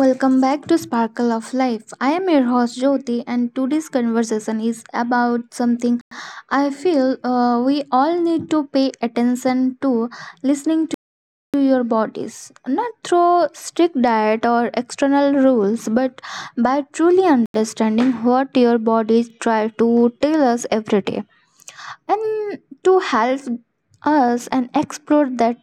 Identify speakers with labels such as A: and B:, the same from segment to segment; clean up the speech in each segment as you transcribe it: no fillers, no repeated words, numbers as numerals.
A: Welcome back to Sparkle of Life. I am your host Jyoti, and today's conversation is about something I feel we all need to pay attention to, listening to your bodies. Not through strict diet or external rules, but by truly understanding what your bodies try to tell us every day. And to help us and explore that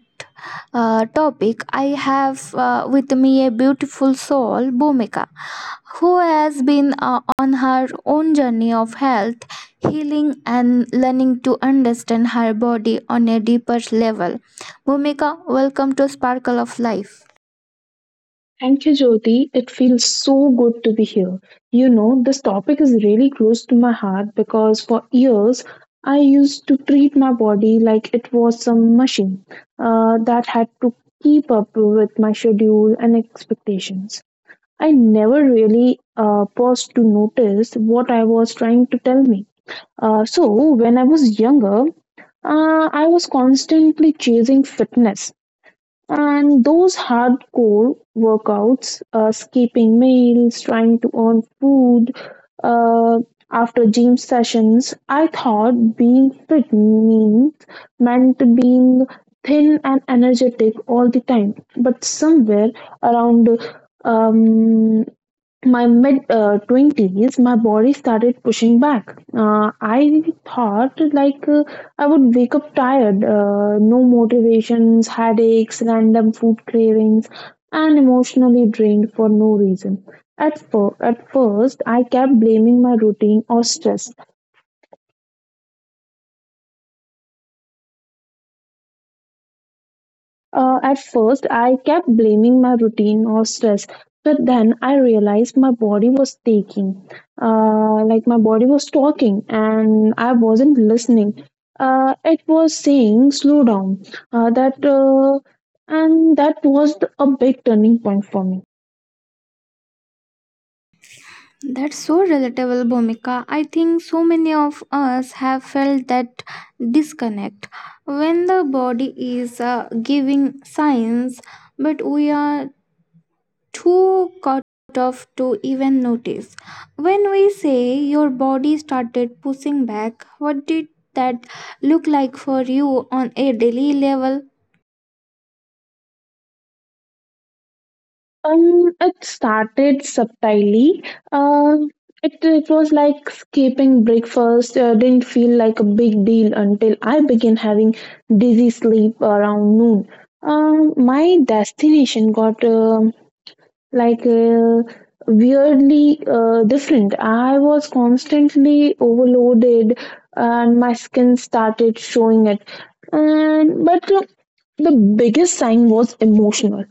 A: topic, I have with me a beautiful soul, Bhumika, who has been on her own journey of health, healing, and learning to understand her body on a deeper level. Bhumika, welcome to Sparkle of Life.
B: Thank you, Jyoti. It feels so good to be here. This topic is really close to my heart because for years I used to treat my body like it was some machine that had to keep up with my schedule and expectations. I never really paused to notice what I was trying to tell me. So, when I was younger, I was constantly chasing fitness and those hardcore workouts, skipping meals, trying to earn food uh, after gym sessions. I thought being fit means meant being thin and energetic all the time. But somewhere around um, my mid 20s, my body started pushing back. I thought, like, I would wake up tired, no motivations, headaches, random food cravings, and emotionally drained for no reason. At first, I kept blaming my routine or stress. At first, I kept blaming my routine or stress, but then I realized my like my body was talking, and I wasn't listening. It was saying, "Slow down." That and that was a big turning point for me.
A: That's so relatable, Bhumika. I think so many of us have felt that disconnect when the body is giving signs, but we are too caught off to even notice. When we say your body started pushing back, what did that look like for you on a daily level?
B: It started subtly. Um, it was like skipping breakfast. Didn't feel like a big deal until I began having dizzy sleep around noon. My destination got like weirdly different. I was constantly overloaded, and my skin started showing it. And but the biggest sign was emotional.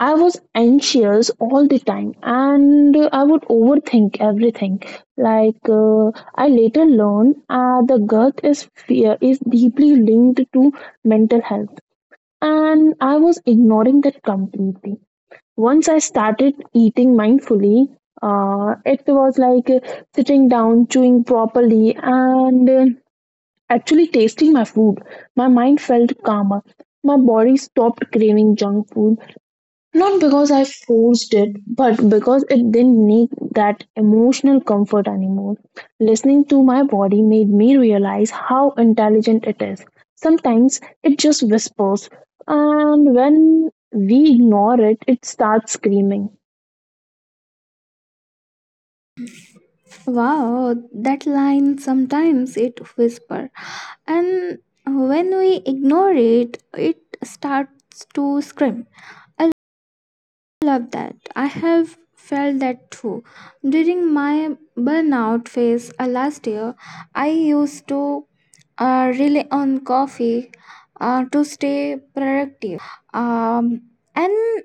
B: I was anxious all the time, and I would overthink everything. Like, I later learned the gut is fear is deeply linked to mental health, and I was ignoring that completely. Once I started eating mindfully, it was like, sitting down, chewing properly, and actually tasting my food. My mind felt calmer. My body stopped craving junk food, not because I forced it, but because it didn't need that emotional comfort anymore. Listening to my body made me realize how intelligent it is. Sometimes it just whispers, and when we ignore it, it starts screaming.
A: Wow, that line, sometimes it whispers, and when we ignore it starts to scream. I love that. I have felt that too during my burnout phase. Last year I used to rely on coffee to stay productive, um, and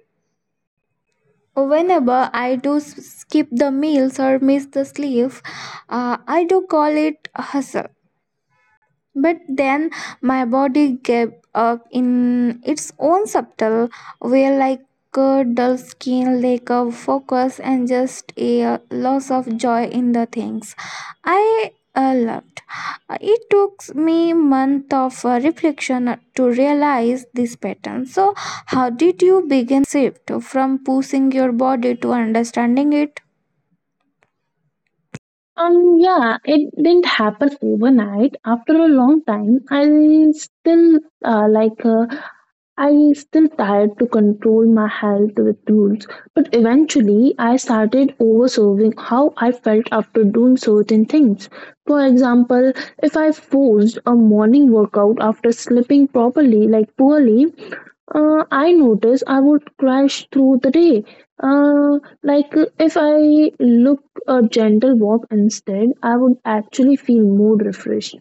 A: whenever I do skip the meals or miss the sleep, I do call it hustle. But then my body gave up in its own subtle way, like a dull skin, lack of focus, and just a loss of joy in the things I loved. It took me month of reflection to realize this pattern. So, how did you begin shift from pushing your body to understanding it?
B: Yeah, it didn't happen overnight. After a long time, uh, like uh, I still tried to control my health with rules, but eventually I started overserving how I felt after doing certain things. For example, if I forced a morning workout after sleeping properly, like poorly, I noticed I would crash through the day. Like, if I look a gentle walk instead, I would actually feel more refreshed.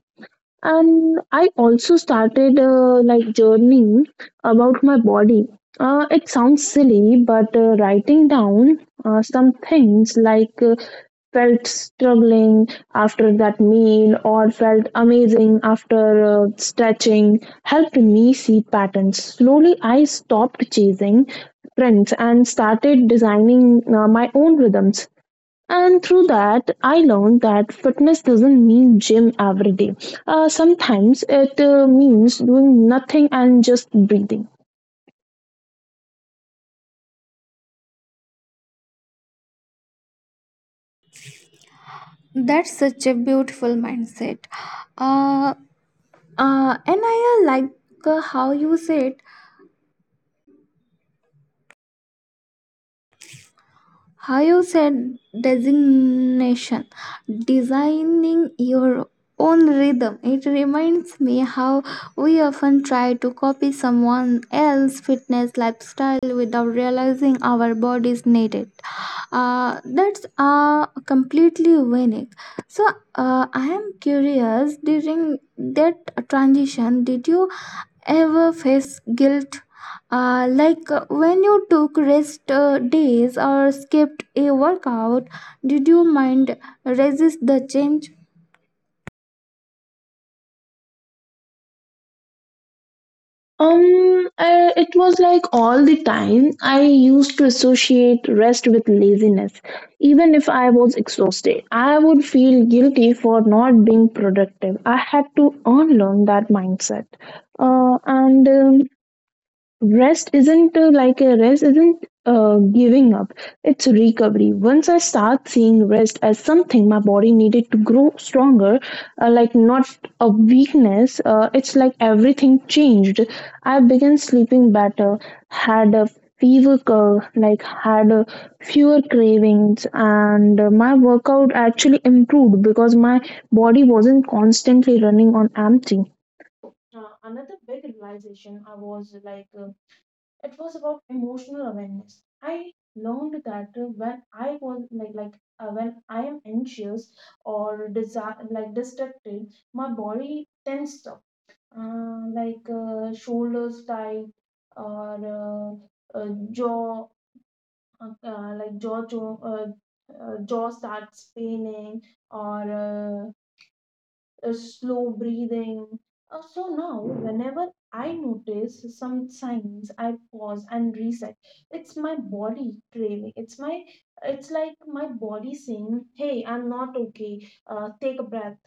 B: And I also started like journaling about my body. It sounds silly, but writing down some things, like, felt struggling after that meal or felt amazing after stretching helped me see patterns. Slowly, I stopped chasing trends and started designing my own rhythms. And through that, I learned that fitness doesn't mean gym every day. Sometimes it means doing nothing and just breathing.
A: That's such a beautiful mindset. Uh, and I like, how you said, how you said designation, designing your own rhythm. It reminds me how we often try to copy someone else's fitness lifestyle without realizing our bodies need it. That's completely unique. So, I am curious, during that transition, did you ever face guilt, like when you took rest days or skipped a workout, did you mind resist the change?
B: It was like all the time I used to associate rest with laziness. Even if I was exhausted, I would feel guilty for not being productive. I had to unlearn that mindset. And rest isn't giving up, it's recovery. Once I start seeing rest as something my body needed to grow stronger, like not a weakness, it's like everything changed. I began sleeping better, had a fever curl, like had fewer cravings, and my workout actually improved because my body wasn't constantly running on empty. Another big realization, I was like, it was about emotional awareness. I learned that when I was like when I am anxious or distracted, my body tensed up, like, shoulders tight, or jaw uh, uh, like jaw jaw uh, jaw starts paining or. Slow breathing. So now, whenever I notice some signs, I pause and reset. It's my body craving. It's like my body saying, "Hey, I'm not okay. Take a breath."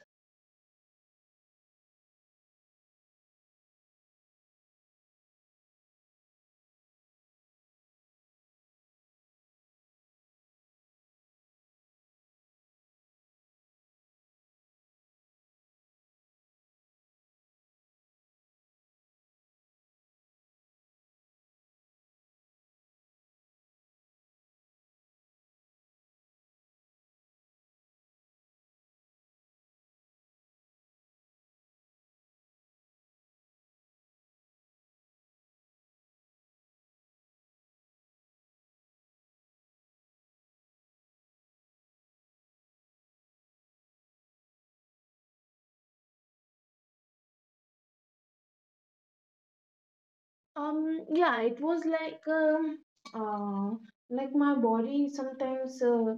B: Yeah, it was uh, like my body sometimes uh,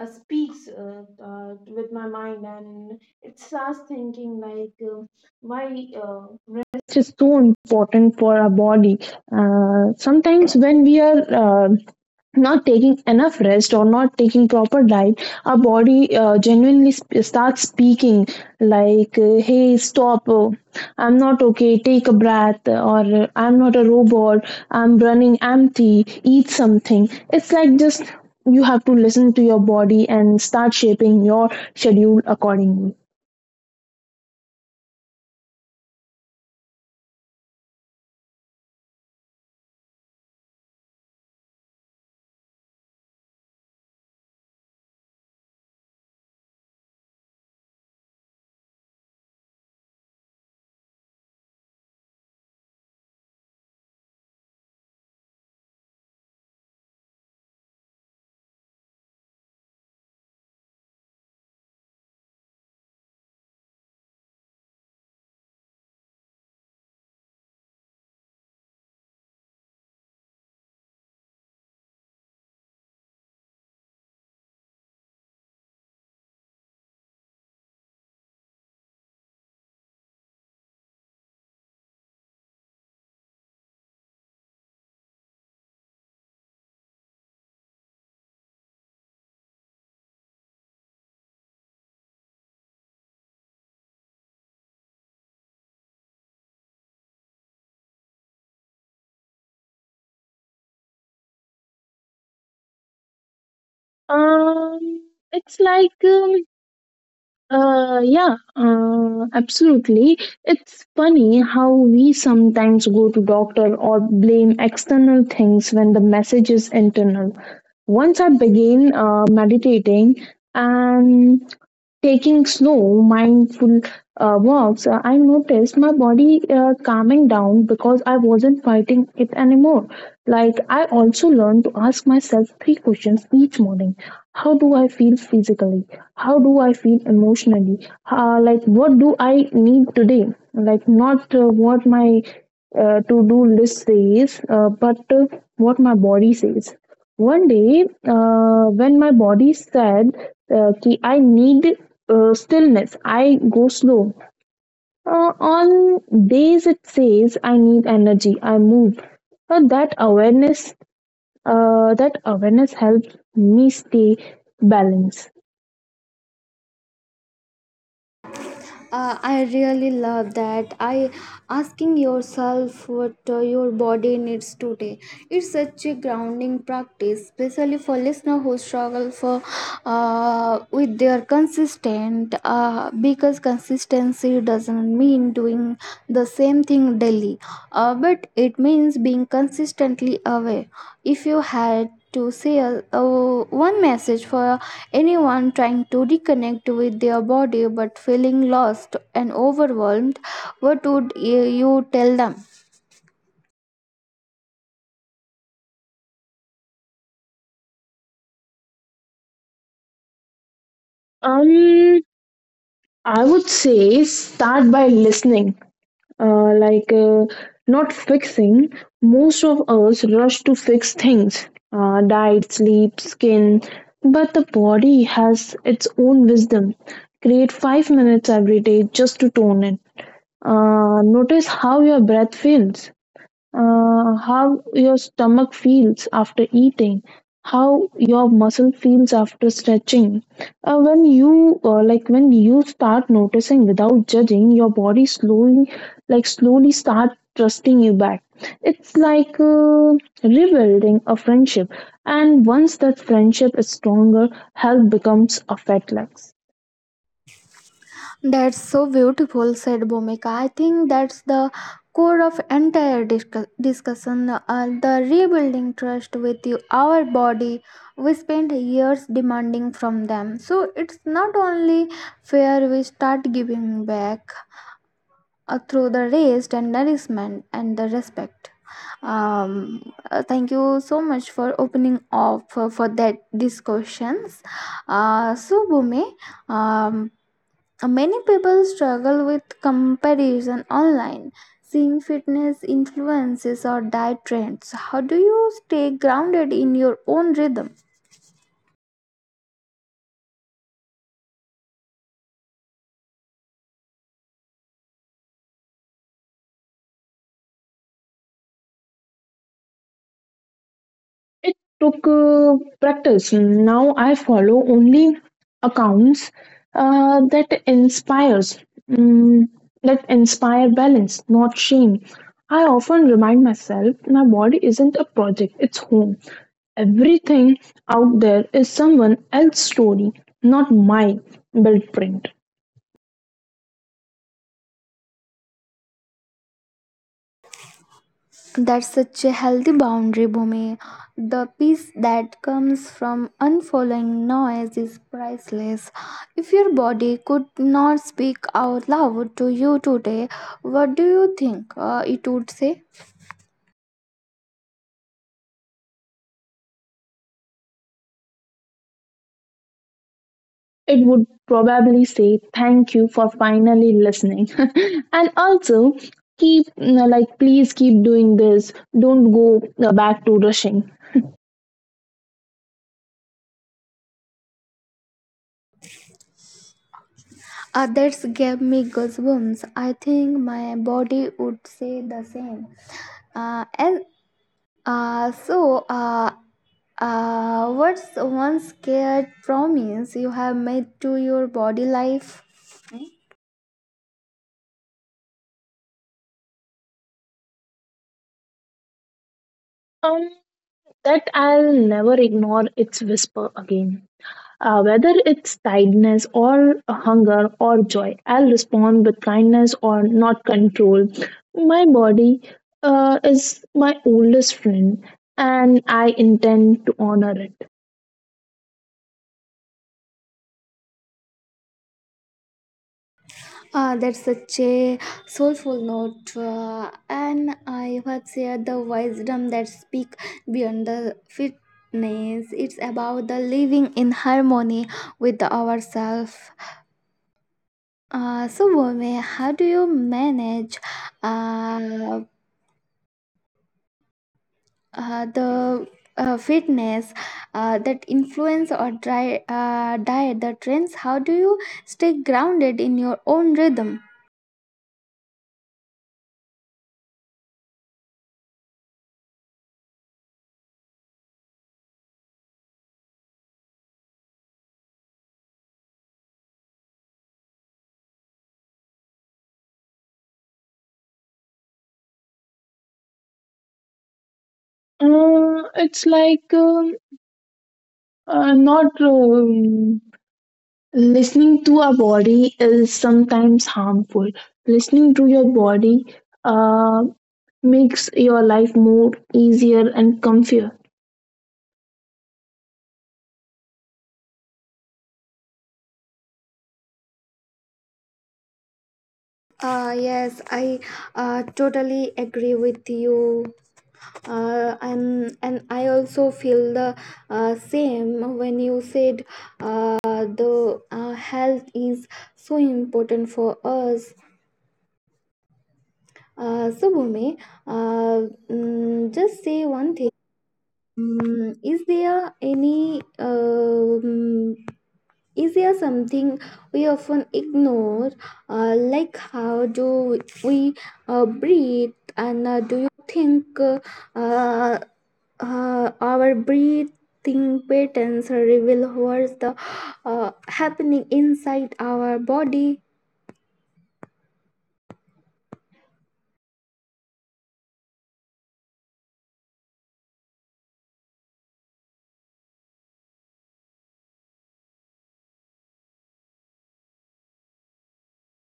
B: uh, speaks with my mind, and it starts thinking like, why rest is so important for our body. Sometimes when we are not taking enough rest or not taking proper diet, our body genuinely starts speaking like, hey, stop, I'm not okay, take a breath, or I'm not a robot, I'm running empty, eat something. It's like, just you have to listen to your body and start shaping your schedule accordingly. Um it's like Yeah, absolutely. It's funny how we sometimes go to doctor or blame external things when the message is internal. Once I began meditating, and taking slow, mindful walks, I noticed my body calming down because I wasn't fighting it anymore. Like, I also learned to ask myself three questions each morning: how do I feel physically? How do I feel emotionally? Like, what do I need today? Like, not what my to do list says, but what my body says. One day, when my body said कि I need stillness, I go slow. On days it says I need energy, I move. But that awareness helps me stay balanced.
A: I really love that, I asking yourself what your body needs today. It's such a grounding practice, especially for listeners who struggle for with their consistent, because consistency doesn't mean doing the same thing daily, but it means being consistently aware. If you had to say one message for anyone trying to reconnect with their body but feeling lost and overwhelmed, what would you tell them?
B: Um, I would say start by listening. Like, not fixing. Most of us rush to fix things. Diet, sleep, skin. But the body has its own wisdom. Create 5 minutes every day just to tone in. Notice how your breath feels, how your stomach feels after eating, how your muscle feels after stretching. When you when you start noticing without judging, your body slowly start trusting you back. It's like, rebuilding a friendship, and once that friendship is stronger, health becomes effortless.
A: That's so beautiful said, Bhumika. I think that's the core of entire discussion, the rebuilding trust with you, our body. We spent years demanding from them, so it's not only fair we start giving back through the rest and nourishment and the respect. Thank you so much for opening up for that discussions, questions. So, Bhumi, um, many people struggle with comparison online, seeing fitness influences or diet trends. How do you stay grounded in your own rhythm?
B: It took practice. Now I follow only accounts uh, that inspires mm, that inspire balance, not shame. I often remind myself my body isn't a project, it's home. Everything out there is someone else's story, not my blueprint.
A: That's such a healthy boundary, Bhumi. The peace that comes from unfollowing noise is priceless. If your body could not speak out loud to you today, what do you think it would say?
B: It would probably say, thank you for finally listening. And also, like, please keep doing this. Don't go back to rushing.
A: Others gave me goosebumps. I think my body would say the same. Uh, and uh, so, uh, what's one scared promise you have made to your body life?
B: Um that, I'll never ignore its whisper again. Whether it's tiredness or hunger or joy, I'll respond with kindness or not control. My body is my oldest friend, and I intend to honor it.
A: That's such a soulful note, and I would say the wisdom that speak beyond the fitness. It's about the living in harmony with ourselves. So, Bome, how do you manage uh, the fitness, that influence or diet the trends? How do you stay grounded in your own rhythm?
B: It's like, not listening to our body is sometimes harmful. Listening to your body uh, makes your life more easier and comfier.
A: Yes, I totally agree with you. And I also feel the same when you said the health is so important for us. So, Bhumi, just say one thing. Mm, is there any um, Is there something we often ignore, like how do we breathe? And do you think uh, our breathing patterns reveal what's the happening inside our body?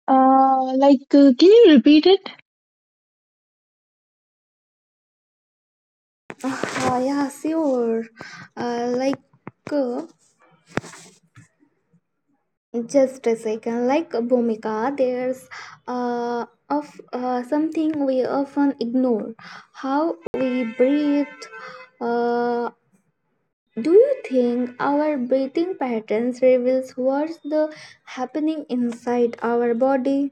B: Like, can you repeat it?
A: Yeah, sure. Uh, like. uh, Just a second, like Bhumika, there's of something we often ignore: how we breathe. Uh, do you think our breathing patterns reveals what's the happening inside our body?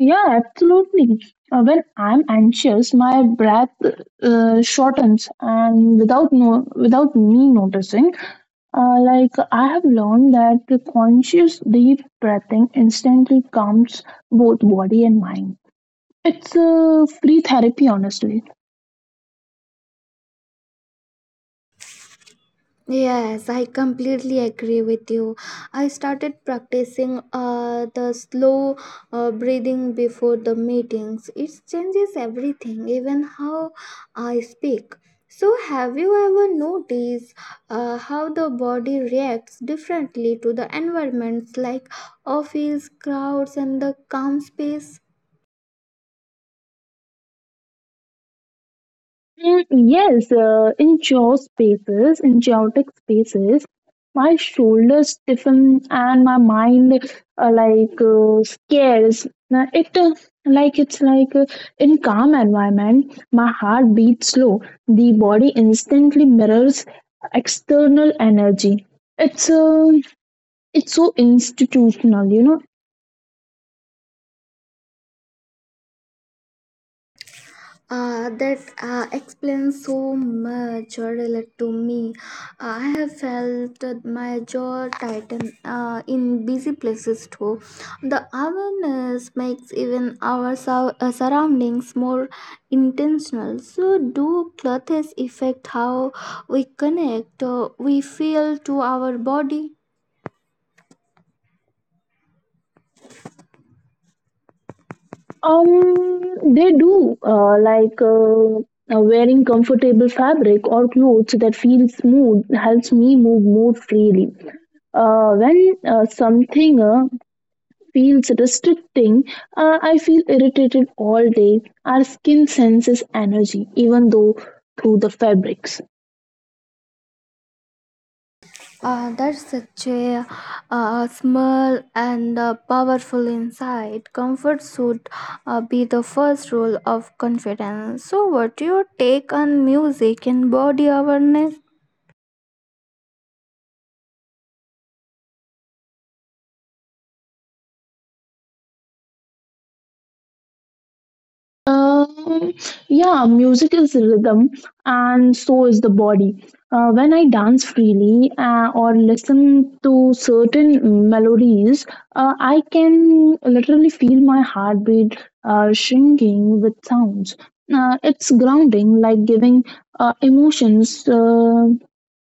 B: Yeah, absolutely. When I'm anxious, my breath shortens, and without me noticing, like, I have learned that the conscious deep breathing instantly calms both body and mind. It's a free therapy, honestly.
A: Yes, I completely agree with you. I started practicing the slow breathing before the meetings. It changes everything, even how I speak. So, have you ever noticed how the body reacts differently to the environments like office, crowds, and the calm space?
B: Mm, yes, in jaw spaces, in chaotic spaces, my shoulders stiffen and my mind like, scares. Now it's like, in calm environment, my heart beats slow. The body instantly mirrors external energy. It's so institutional.
A: That explains so much or relate to me. I have felt my jaw tighten in busy places too. The awareness makes even our surroundings more intentional. So, do clothes affect how we connect, we feel to our body?
B: They do like Wearing comfortable fabric or clothes that feel smooth helps me move more freely. When something feels restricting, I feel irritated all day. Our skin senses energy, even though through the fabrics.
A: That's such a small and powerful insight. Comfort should be the first rule of confidence. So, what your take on music and body awareness?
B: Um, yeah, music is rhythm, and so is the body. When I dance freely or listen to certain melodies, I can literally feel my heartbeat shrinking with sounds. It's grounding, like giving emotions,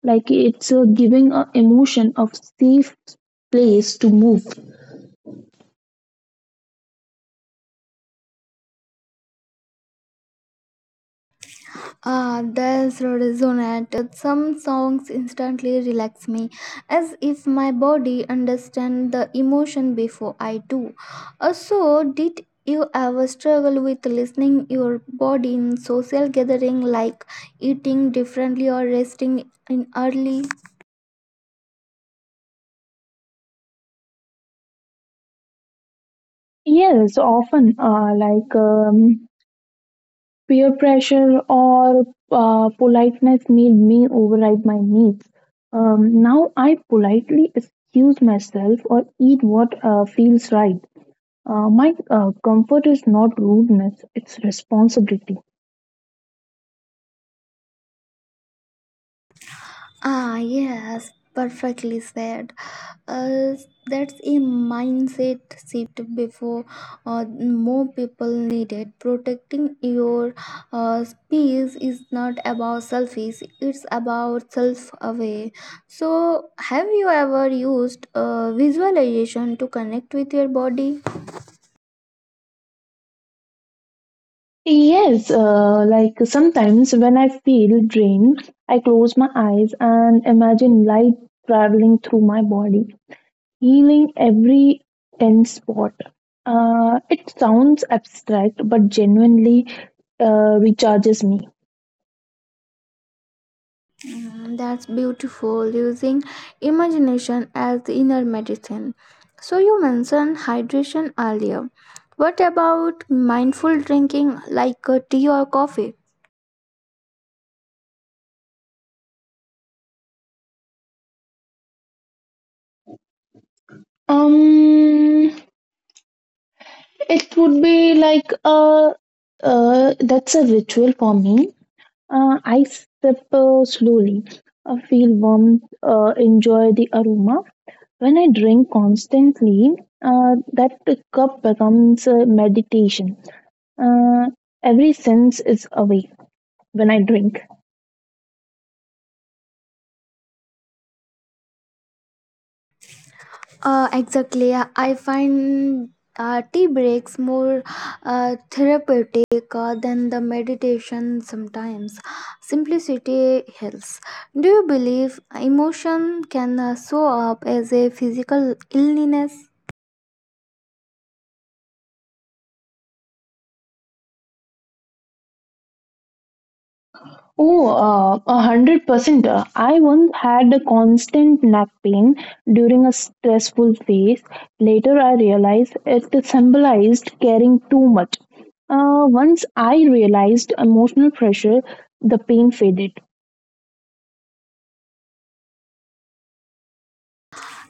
B: like it's giving a emotion of safe place to move.
A: Ah, that's resonated. Some songs instantly relax me, as if my body understands the emotion before I do. So, did you ever struggle with listening your body in social gathering, like eating differently or resting in early?
B: Yes, often, peer pressure or politeness made me override my needs. Now I politely excuse myself or eat what feels right. My comfort is not rudeness, it's responsibility.
A: Ah, yes, perfectly said. Uh, that's a mindset shift before more people need it. Protecting your space is not about selfish, it's about self aware. So, have you ever used visualization to connect with your body?
B: Yes, like sometimes when I feel drained, I close my eyes and imagine light traveling through my body, healing every tense spot. It sounds abstract, but genuinely recharges me.
A: That's beautiful, using imagination as the inner medicine. So you mentioned hydration earlier, what about mindful drinking, like tea or coffee?
B: Um, it would be like a That's a ritual for me. I sip slowly, feel warm, enjoy the aroma. When I drink constantly, that cup becomes a meditation. Uh, every sense is awake when I drink.
A: Exactly. I find tea breaks more therapeutic than the meditation. Sometimes simplicity helps. Do you believe emotion can show up as a physical illness?
B: Oh, 100%. I once had a constant neck pain during a stressful phase. Later, I realized it symbolized caring too much. Once I realized emotional pressure, the pain faded.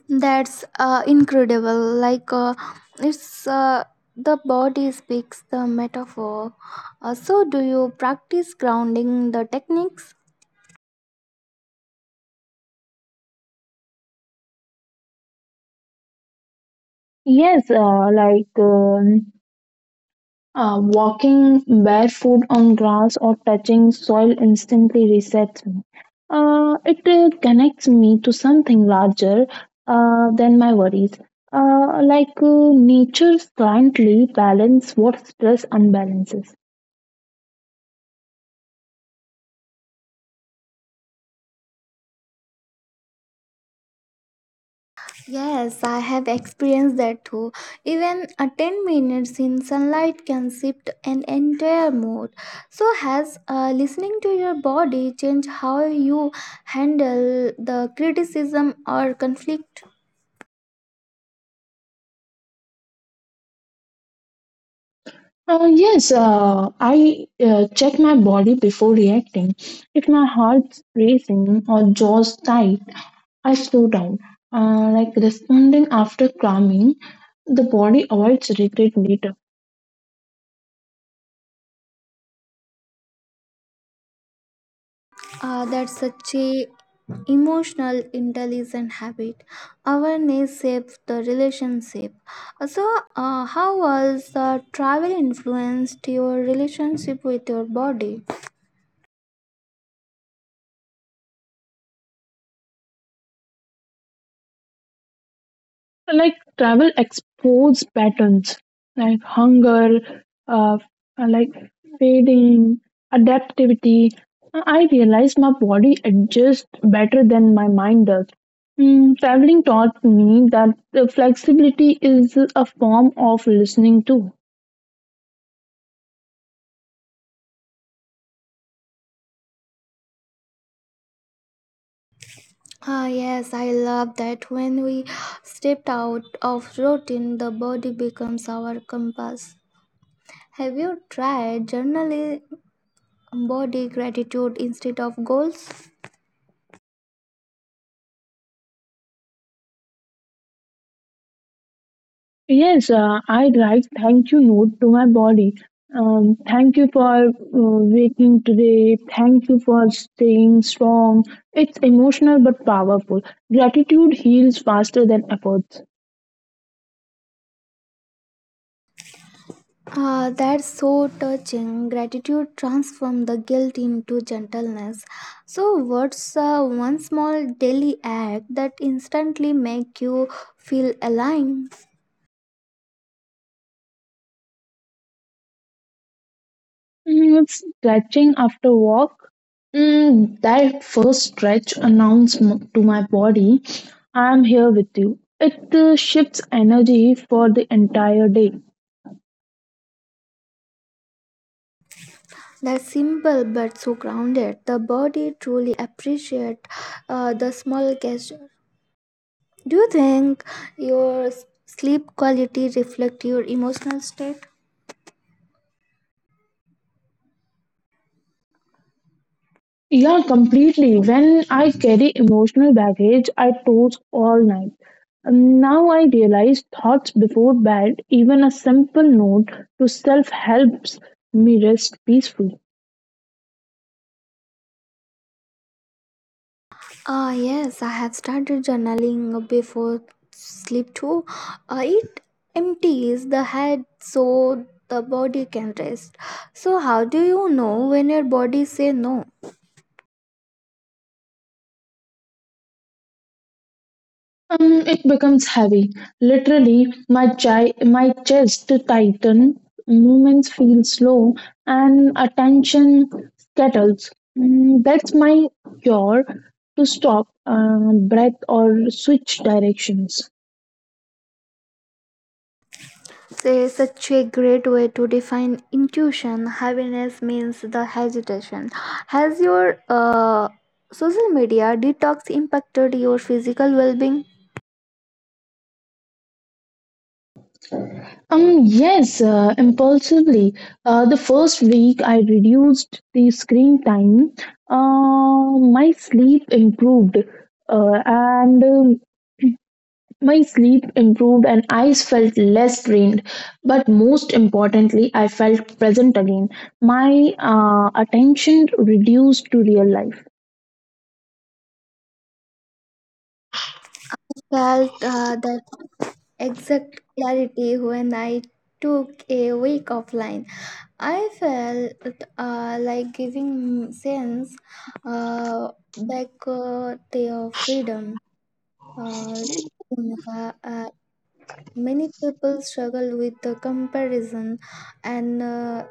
A: That's incredible. Like, it's the body speaks the metaphor. So, do you practice grounding the techniques?
B: Yes, walking barefoot on grass or touching soil instantly resets me. It connects me to something larger than my worries. Like, nature's silently balance what stress unbalances.
A: Yes, I have experienced that too. Even a 10 minutes in sunlight can shift an entire mood. So, has listening to your body changed how you handle the criticism or conflict?
B: Yes, I check my body before reacting. If my heart's racing or jaw's tight, I slow down. Like, responding after calming, the body avoids regret later.
A: That's such a emotional intelligent habit. Awareness shapes the relationship. So, how was the travel influenced your relationship with your body?
B: Like, travel exposes patterns like hunger, uh, like fading adaptivity. I realized my body adjusts better than my mind does. Mm, traveling taught me that the flexibility is a form of listening too.
A: Ah, yes, I love that. When we stepped out of routine, the body becomes our compass. Have you tried journaling body gratitude instead of goals?
B: Yes, I write thank you note to my body. Thank you for waking today. Thank you for staying strong. It's emotional but powerful. Gratitude heals faster than efforts.
A: Ah, that's so touching. Gratitude transforms the guilt into gentleness. So, what's one small daily act that instantly make you feel aligned?
B: Mm, stretching after walk. Mm, that first stretch announced to my body, I am here with you. It shifts energy for the entire day.
A: That's simple but so grounded. The body truly appreciates the small gesture. Do you think your sleep quality reflects your emotional state?
B: Yeah, completely. When I carry emotional baggage, I toss all night. Now I realize thoughts before bed, even a simple note to self helps me rest peacefully.
A: Ah, yes, I have started journaling before sleep too. It empties the head so the body can rest. So, how do you know when your body say no?
B: It becomes heavy. Literally, my my chest tightens, movements feel slow, and attention scatters. Mm, that's my cure to stop, breath, or switch directions.
A: Say such a great way to define intuition. Happiness means the hesitation. Has your social media detox impacted your physical well-being?
B: Yes, impulsively. The first week I reduced the screen time. Uh, my sleep improved, uh, and um, my sleep improved, and eyes felt less drained. But most importantly, I felt present again. My attention reduced to real life.
A: Felt that exact clarity when I took a week offline. I felt like giving sense back their freedom. Uh, uh, Many people struggle with the comparison, and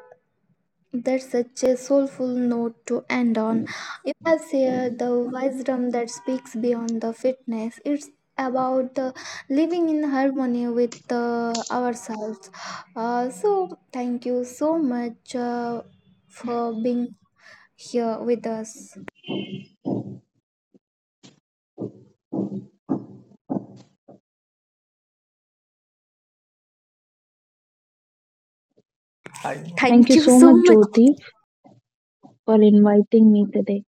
A: that's such a soulful note to end on. You have shared the wisdom that speaks beyond the fitness. It's about living in harmony with ourselves. So, thank you so much for being here with us.
B: Thank
A: Thank
B: you
A: you
B: so
A: so
B: much,
A: much.
B: Jyoti, for inviting me today.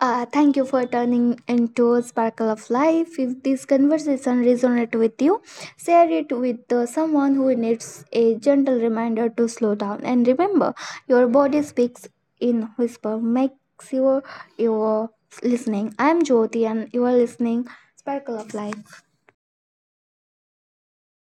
A: Thank you for turning into a Sparkle of Life. If this conversation resonates with you, share it with someone who needs a gentle reminder to slow down. And remember, your body speaks in whisper. Make sure you are listening. I am Jyoti, and you are listening Sparkle of Life.